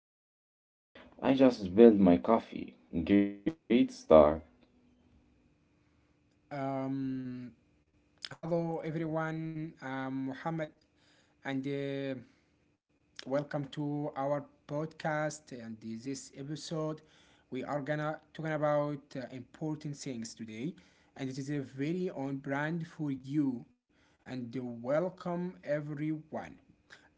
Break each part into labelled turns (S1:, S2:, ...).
S1: and I just spilled my coffee. Great start.
S2: Um, Hello everyone, I'm Muhammad, and welcome to our podcast, and this episode we are gonna talking about important things today, and it is a very on brand for you, and welcome everyone.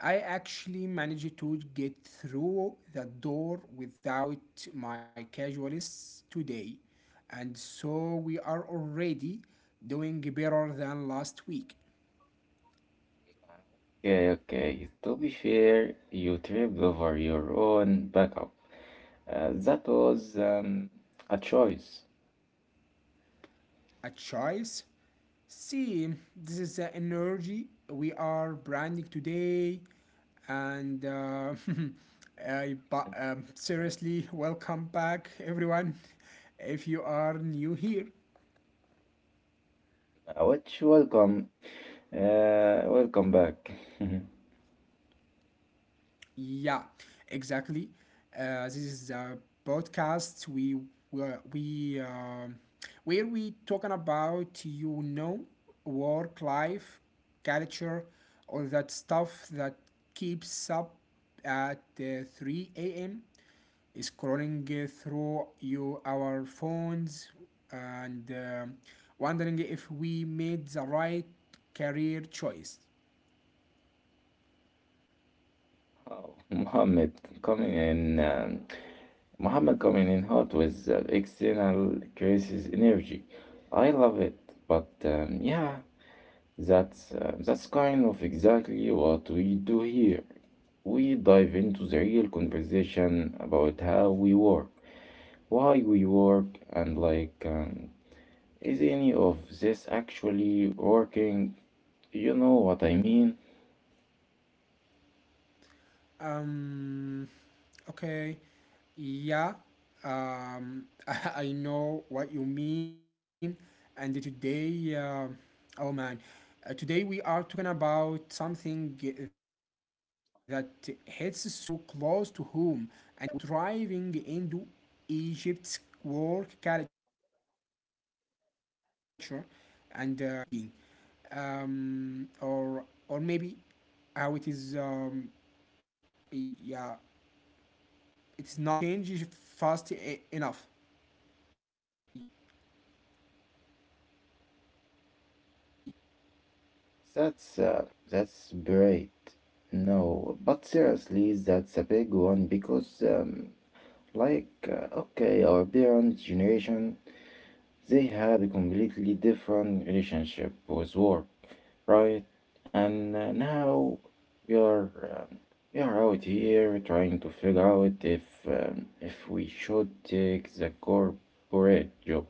S2: I actually managed to get through the door without my casuals today, and so we are already doing better than last week.
S1: Okay, okay. To be fair, you tripped over your own backup. That was a choice.
S2: A choice. See, this is the energy we are branding today, and seriously, welcome back, everyone. If you are new here.
S1: Which welcome, welcome back.
S2: Yeah, exactly. This is the podcast we were we where we talking about work life, culture, all that stuff that keeps up at 3 a.m. scrolling through you our phones and wondering if we made the right career choice.
S1: Oh, Mohammed coming in. Muhammad coming in hot with external crisis energy. I love it, but yeah, that's kind of exactly what we do here. We dive into the real conversation about how we work, why we work, and is any of this actually working? You know what I mean?
S2: Um, okay, yeah, um, I know what you mean. And today, oh man, today we are talking about something that hits so close to home, and we driving into Egypt's work culture, and how it is changing, or maybe how it is yeah it's not changed enough.
S1: That's uh, that's great. No, but seriously, that's a big one because okay, our parents' generation, they had a completely different relationship with war, right? And now we are um, we are out here trying to figure out if we should take the corporate job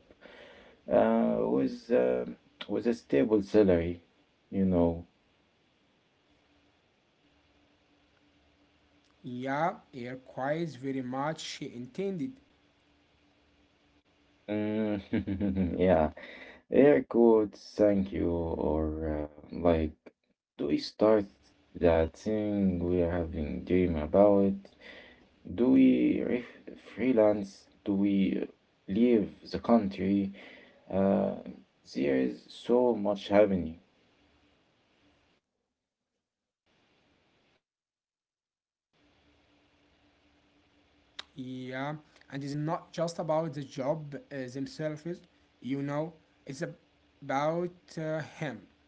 S1: uh, with um with a stable salary, you know.
S2: Yeah, it requires very much intended.
S1: Mm, yeah. Air quotes. Thank you. Or, like, do we start that thing we are having dream about? Do we re Freelance? Do we leave the country? Uh, there is so much happening.
S2: Yeah, and it's not just about the job, themselves, you know, it's about him, um,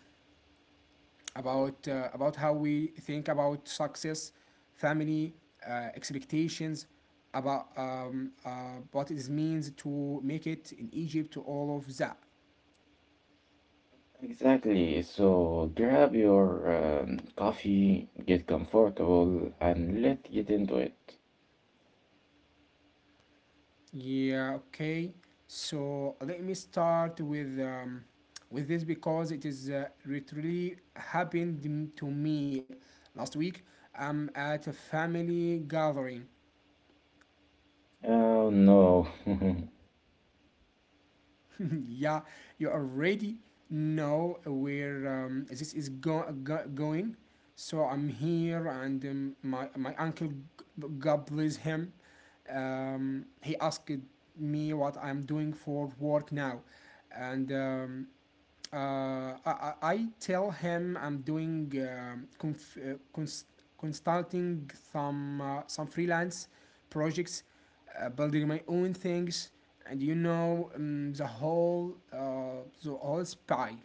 S2: about about how we think about success, family, expectations, about what it means to make it in Egypt, all of that.
S1: Exactly. So grab your coffee, get comfortable, and let's get into it.
S2: Yeah, okay. So let me start with this because it is literally happened to me last week. I'm at a family gathering.
S1: Oh, no.
S2: Yeah, you already know where this is going. So I'm here, and my uncle, God bless him, he asked me what I'm doing for work now, and I tell him I'm doing consulting some freelance projects, building my own things, and the whole spy.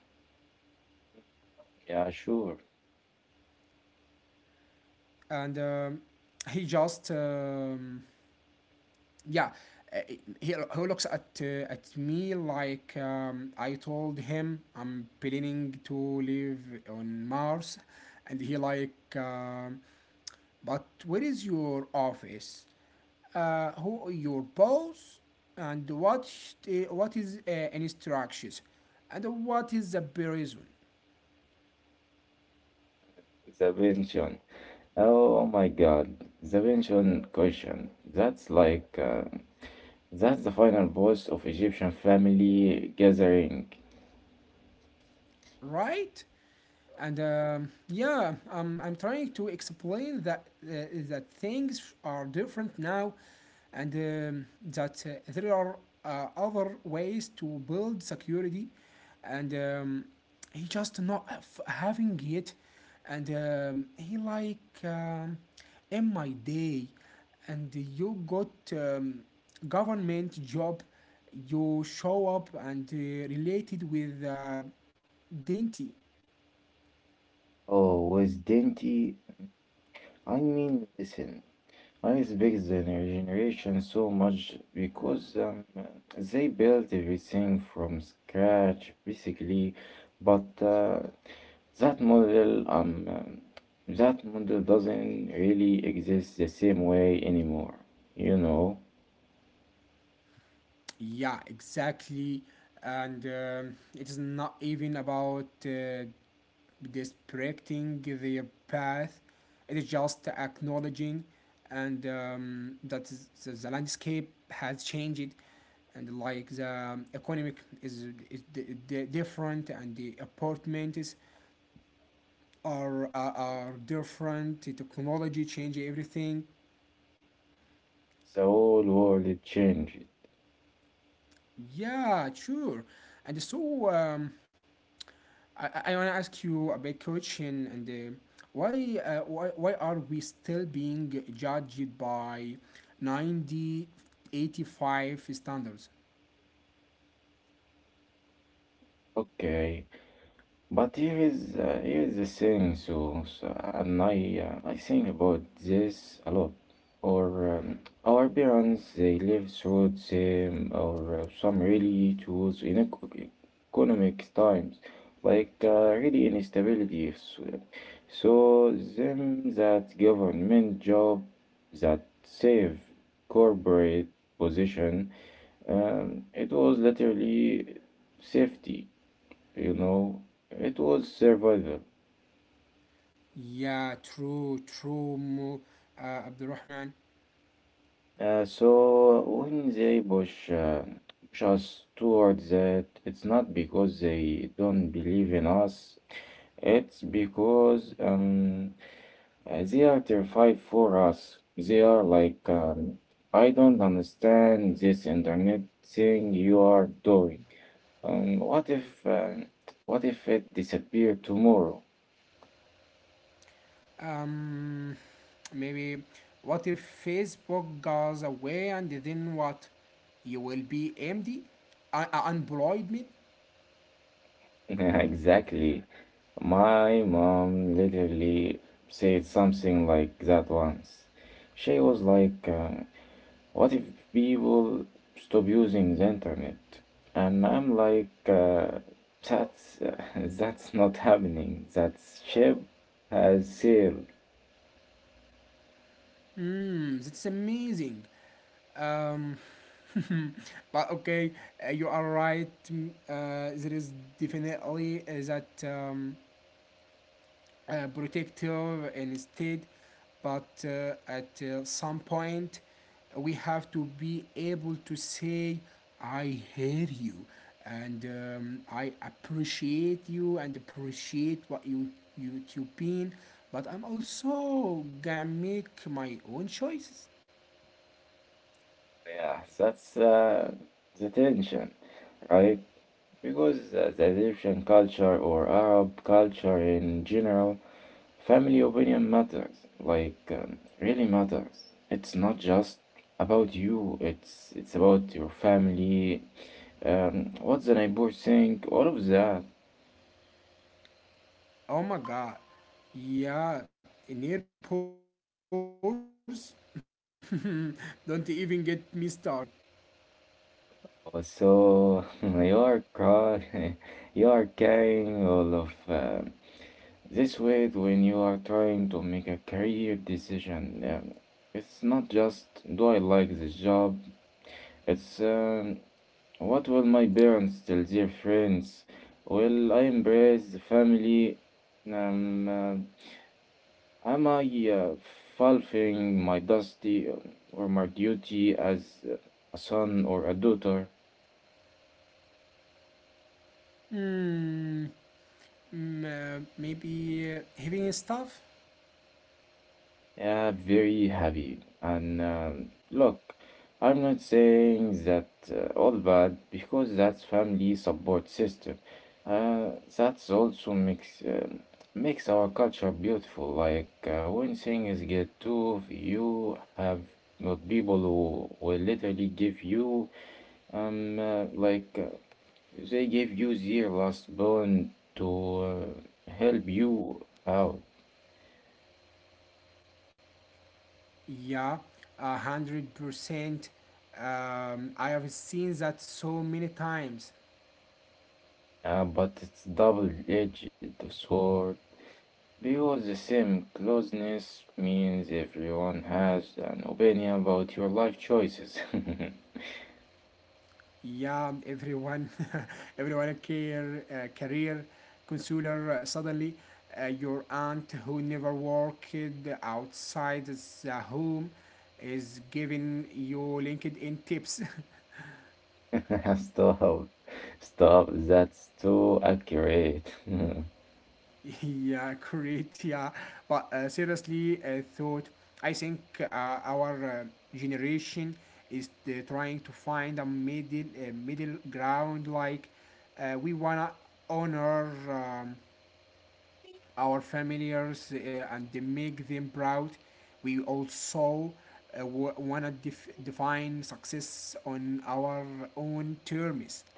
S1: Yeah, sure.
S2: And he just yeah, uh, he looks at me like I told him I'm planning to live on Mars, and he like. But where is your office? Who are your boss? And what is instructions? And what is the reason?
S1: The pension. Oh my God, the pension question. That's the final boss of Egyptian family gathering.
S2: Right? And I'm trying to explain that that things are different now, and that there are other ways to build security, and he just not have, having it, and he like, in my day, and you got government job, you show up and related with dainty.
S1: Oh, with Denti, I mean, listen, I respect the generation so much because they built everything from scratch, basically. But that model, um, um, that model doesn't really exist the same way anymore, you know.
S2: Yeah, exactly. And it is not even about disrespecting their path, it is just acknowledging and the landscape has changed, and like the economic is different, and the apartments are different, the technology change everything.
S1: The whole world it changed.
S2: Yeah, sure, and so I want to ask you a big question, and why are we still being judged by 90, 85 standards?
S1: Okay, but here is the thing. So, so and I think about this a lot. Or um, our parents they live through the same or some really tools in economic times, like really instability. So, them that government job that save corporate position and it was literally safety, you know, it was survival.
S2: Yeah, true, Abdurrahman.
S1: So when they push us towards that, it's not because they don't believe in us, it's because they are terrified for us. They are like, I don't understand this internet thing you are doing. Um, what if, um, what if it disappeared tomorrow?
S2: Um, Maybe what if Facebook goes away and then what? You will be empty, unemployed.
S1: Exactly. My mom literally said something like that once. She was like, what if people stop using the internet? And I'm like, that's, that's not happening. That ship has sailed.
S2: Hmm, that's amazing. Um, but okay, you are right. There is definitely that, protective instead, but at some point, we have to be able to say, I hear you, and I appreciate you and appreciate what you been, but I'm also gonna make my own choices.
S1: Yeah, that's the tension, right? Because the Egyptian culture or Arab culture in general family opinion matters, like really matters. It's not just about you, it's about your family, what the neighbor think, all of that.
S2: Oh my god. Yeah, in airports? Don't even get me started.
S1: So you are crying, you are carrying all of this weight when you are trying to make a career decision. It's not just do I like this job, it's, what will my parents tell their friends? Well, I embrace the family. Um, uh, am I uh, fulfilling my dusty or my duty as a son or a daughter?
S2: Hmm, maybe having stuff?
S1: Yeah, very happy. And look, I'm not saying that all bad because that's family support system. Uh, that's also makes makes our culture beautiful. Like when things get tough, you have not people who will literally give you um uh, like uh, they give you their last bone to help you out.
S2: Yeah, 100%. I have seen that so many times.
S1: Yeah, but it's double-edged sword because the same closeness means everyone has an opinion about your life choices.
S2: Yeah, everyone. Everyone care career consular, suddenly, your aunt who never worked outside the home is giving you LinkedIn tips.
S1: Stop. Stop. That's too accurate.
S2: Yeah, great. Yeah, but seriously, I think our generation is trying to find a middle ground. Like, we wanna honor, our familiars, and they make them proud. We also uh, want to define success on our own terms.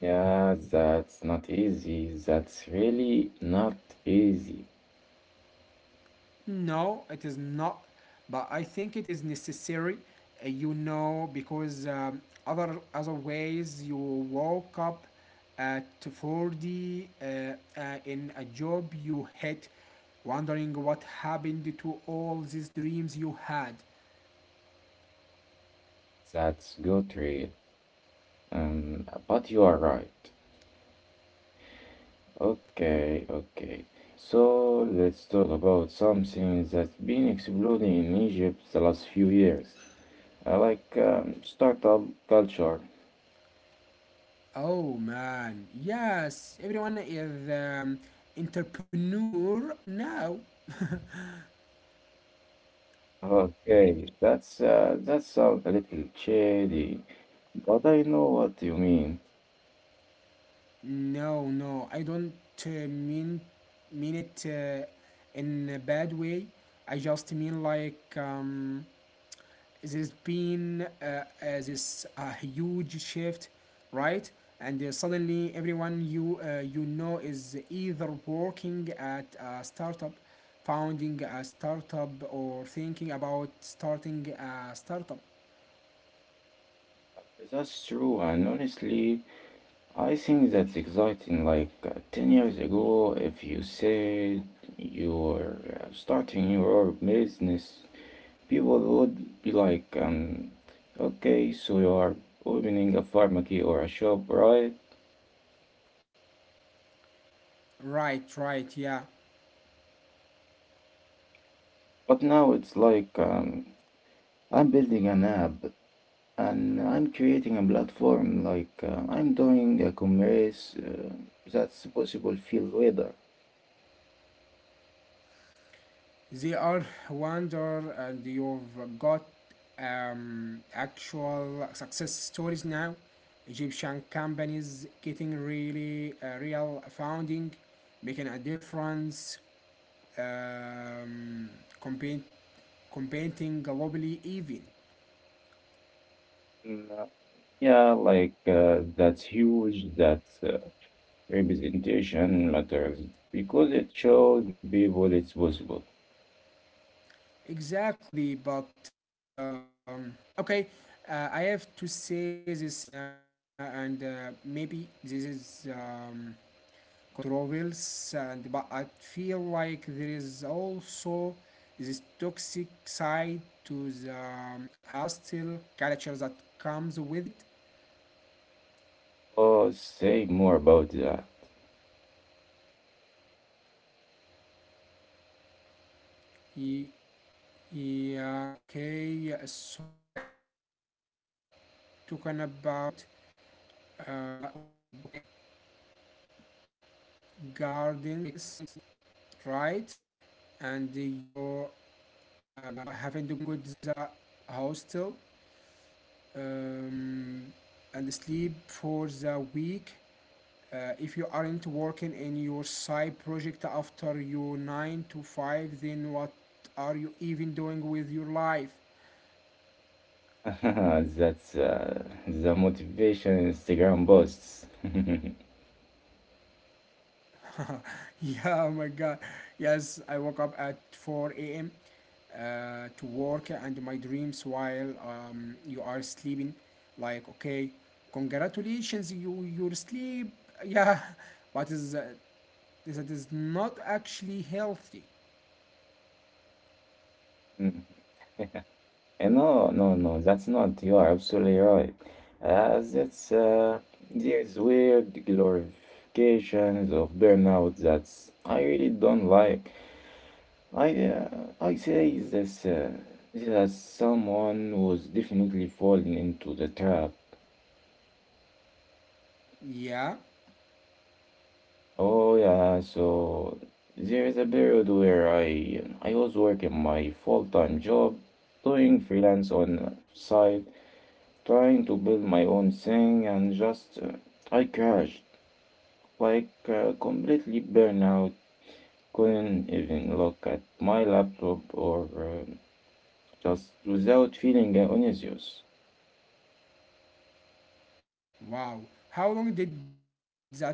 S1: Yeah, that's not easy. That's really not easy.
S2: No, it is not, but I think it is necessary, because other ways, you woke up at 40, in a job you hate, wondering what happened to all these dreams you had.
S1: That's good, real. But you are right. Okay, okay. So let's talk about something that's been exploding in Egypt the last few years, startup culture.
S2: Oh man, yes, everyone is entrepreneur now.
S1: Okay, that sounds a little shady, but I know what you mean.
S2: No, no, I don't uh, mean mean it in a bad way. I just mean like, there's been this huge shift, right? And suddenly, everyone you know is either working at a startup, founding a startup, or thinking about starting a startup.
S1: That's true, and honestly, I think that's exciting. Like 10 years ago, if you said you were starting your own business, people would be like, okay, so you are opening a pharmacy or a shop, right?
S2: Right, right, yeah.
S1: But now it's like, I'm building an app and I'm creating a platform, like, I'm doing a commerce that's possible field weather.
S2: They are wonder, and you've got actual success stories now. Egyptian companies getting really real founding, making a difference, um, compete, competing globally even.
S1: Mm, uh, yeah, like that's huge. That Representation matters because it shows people it's possible.
S2: Exactly, but okay, I have to say this in and maybe this is. Controls, and but I feel like there is also this toxic side to the hostile culture that comes with it.
S1: Oh, say more about that.
S2: Ye- Yeah, okay. So like, everyone talking about the gardens, right? And you, having to go to the hostel, um, and sleep for the week. If you aren't working in your side project after your 9 to 5, then what are you even doing with your life?
S1: That's the motivation Instagram boasts.
S2: Yeah, oh my god. Yes, I woke up at 4 a.m. To work and my dreams while, you are sleeping. Like, okay, congratulations, you your sleep. Yeah, but is that is not actually healthy.
S1: Mm. And no, no, no, that's not. You are absolutely right. That's There's weird glorifications of burnout that I really don't like. I say this that someone was definitely falling into the trap.
S2: Yeah,
S1: Oh yeah, so there is a period where I was working my full-time job, doing freelance on side, trying to build my own thing, and just I crashed, like completely burnout. Couldn't even look at my laptop or just without feeling anxious.
S2: wow. How long did that last?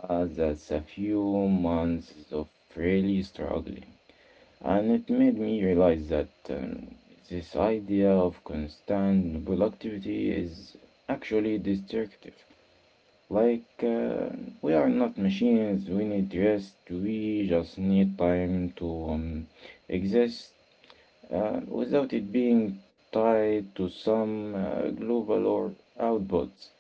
S1: That's a few months of really struggling. And it made me realize that this idea of constant productivity is actually destructive. Like, we are not machines, we need rest, we just need time to exist without it being tied to some global or outputs.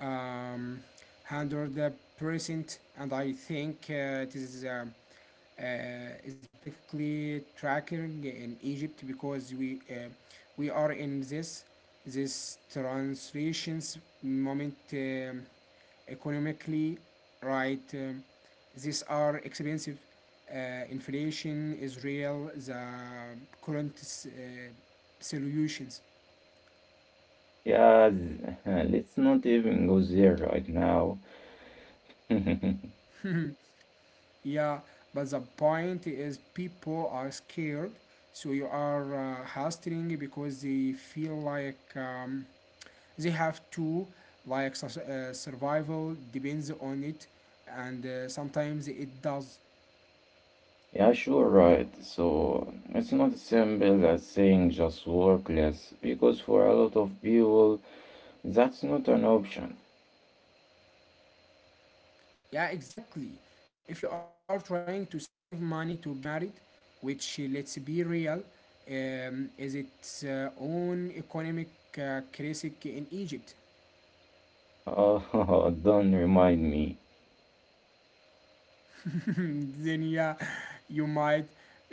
S2: um, Handle the precinct, and I think it is specifically tracking in Egypt because we, we are in this transitions moment, economically, right? These are expensive. Inflation is real. The current uh, solutions.
S1: Yeah, let's not even go there right now.
S2: Yeah, but the point is people are scared, so you are hustling because they feel like, they have to, like survival depends on it, and sometimes it does.
S1: Yeah, sure, right. So it's not as simple as saying just work less, because for a lot of people, that's not an option.
S2: Yeah, exactly. If you are trying to save money to get married, which, let's be real, is its own economic crisis in Egypt.
S1: Oh, don't remind me.
S2: Then yeah, you might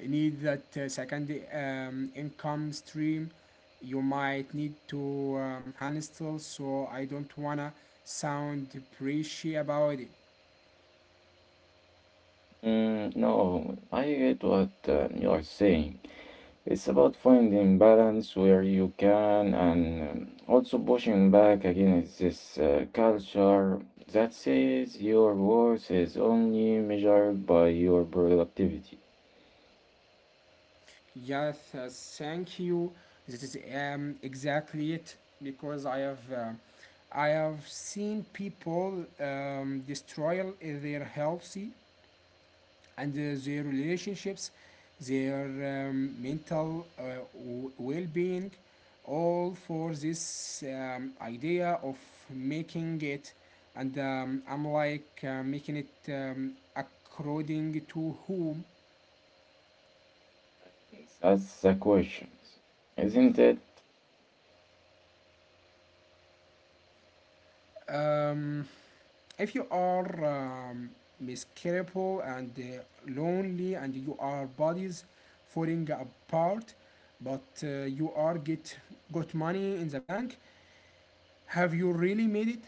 S2: need that second, income stream. You might need to, handle, so I don't wanna sound preachy about it.
S1: Mm, no, I get what you are saying. It's about finding balance where you can and also pushing back against this culture that says your worth is only measured by your productivity.
S2: Yes, thank you. This is exactly it, because I have. I have seen people, destroy their healthy and their relationships, their mental well being, all for this idea of making it. And I'm like, making it, according to whom.
S1: That's the question, isn't it?
S2: Um, if you are miserable and lonely, and you are bodies falling apart, but you are get got money in the bank, have you really made it?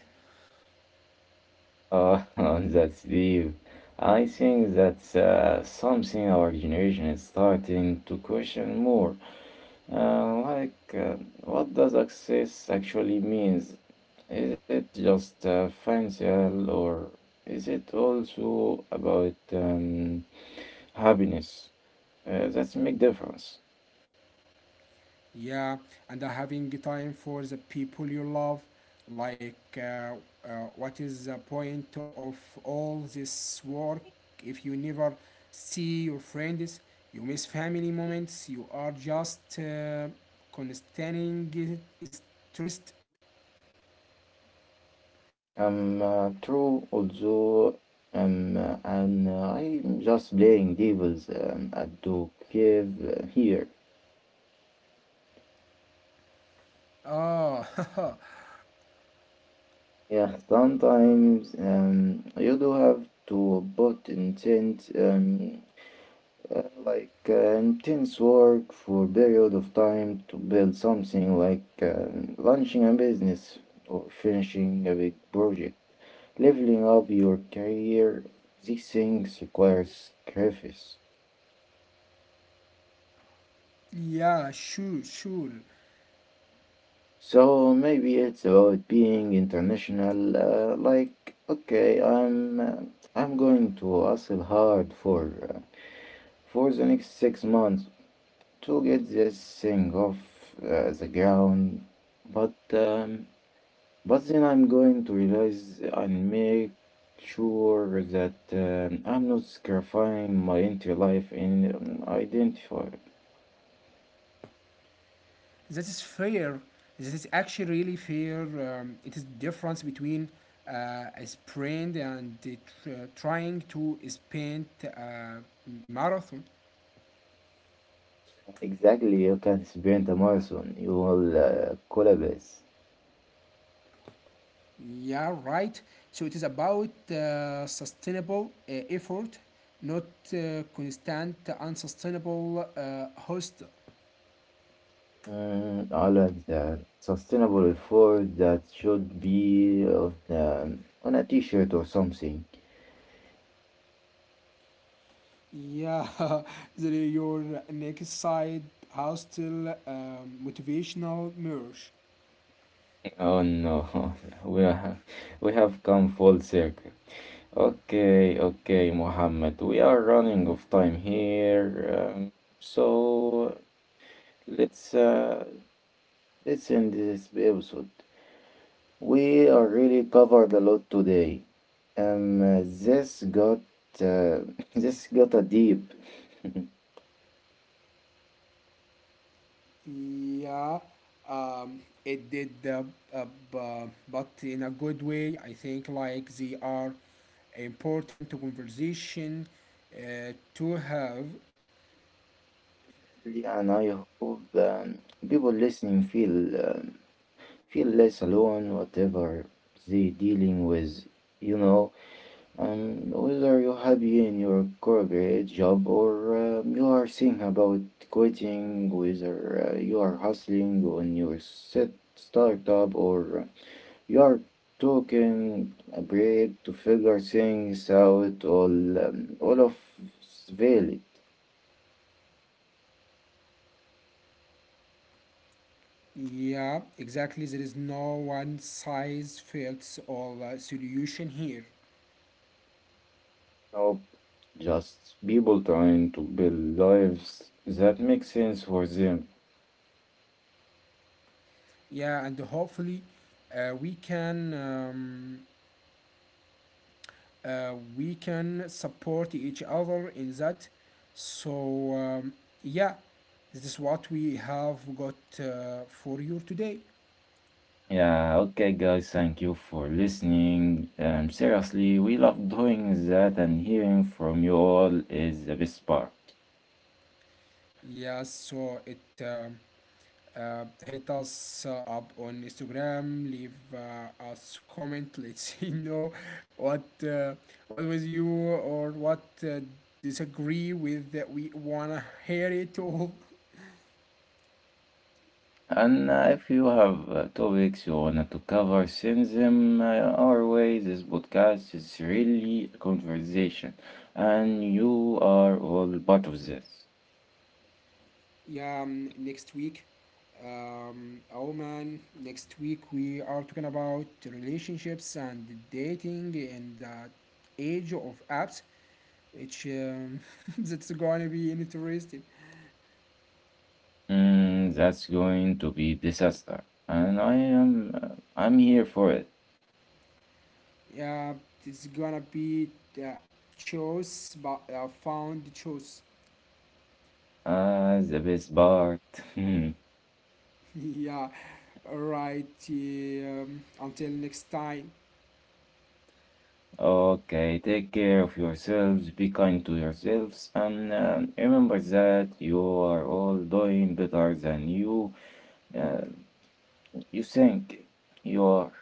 S1: Uh, that's deep. I think that's something our generation is starting to question more. Uh, like, uh, what does success actually means? Is it just financial, or is it also about happiness? That's make difference.
S2: Yeah, and having time for the people you love. Like, what is the point of all this work if you never see your friends? You miss family moments, you are just constantly stressed.
S1: I'm true, also, and I'm just playing devils at the cave here.
S2: Ah,
S1: Yeah, sometimes you do have to put intent, like intense work for a period of time to build something like launching a business or finishing a big project. Leveling up your career, these things require sacrifice.
S2: yeah, sure, sure.
S1: So maybe it's about being international. Like, okay, I'm going to hustle hard for the next 6 months to get this thing off the ground. But but then I'm going to realize and make sure that I'm not sacrificing my entire life in identify.
S2: That is fair. This is actually really fair. It is difference between uh, a sprint and the trying to sprint a marathon.
S1: Exactly, you can sprint a marathon. You will collapse.
S2: Yeah, right. So it is about sustainable effort, not constant unsustainable, hostel.
S1: Mm, I like that. Sustainable food that should be on a t-shirt or something.
S2: Yeah, your next side hostel, motivational merge.
S1: Oh no, we are, we have come full circle. Okay, okay, Mohammed, we are running of time here, so let's uh, let's end this episode. We are really covered a lot today. This got uh, this got a deep.
S2: Yeah, it did, uh, but in a good way. I think like they are important to conversation to have.
S1: Yeah, and I hope people listening feel less alone, whatever they dealing with, you know. Whether you're happy in your corporate job or you are thinking about quitting, whether you are hustling on your set startup or you are taking a break to figure things out, all of valid.
S2: Yeah, exactly. There is no one size fits all solution here.
S1: Just people trying to build lives that make sense for them.
S2: Yeah, and hopefully, we can. We can support each other in that, so yeah, this is what we have got for you today.
S1: Yeah, okay, guys, thank you for listening. Seriously, we love doing that, and hearing from you all is the best part.
S2: Yes, so it hit us up on Instagram, leave us comment. Let's see, what uh, what was you, or what disagree with, that we wanna hear it all.
S1: And if you have topics you want to cover, send them our way. This podcast is really a conversation, and you are all part of this.
S2: Yeah, next week. Oh man, next week we are talking about relationships and dating and the age of apps, which, that's gonna be interesting.
S1: Mm, that's going to be disaster, and I am I'm here for it.
S2: Yeah, it's gonna be the choice, but found the choice.
S1: Ah, the best part. Hmm.
S2: Yeah, alright. Until next time.
S1: Okay, take care of yourselves, be kind to yourselves, and remember that you are all doing better than uh, you think you are.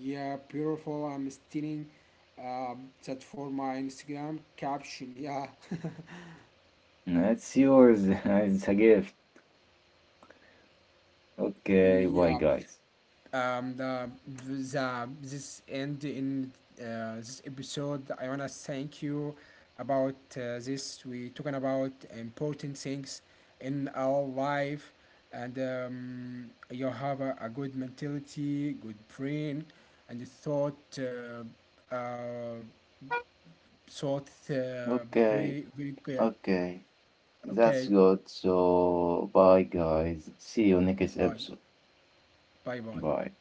S2: Yeah, beautiful. I'm stealing that for my Instagram caption. Yeah.
S1: It's yours. It's a gift. Okay, bye,
S2: Yeah,
S1: guys.
S2: um, the, the this end in this episode. I wanna thank you about this. We talking about important things in our life, and you have a good mentality, good brain, and you thought
S1: Okay,
S2: very very clear.
S1: okay.
S2: Okay,
S1: That's good. So, bye guys. See you next
S2: bye,
S1: episode.
S2: bye, bye.
S1: Bye.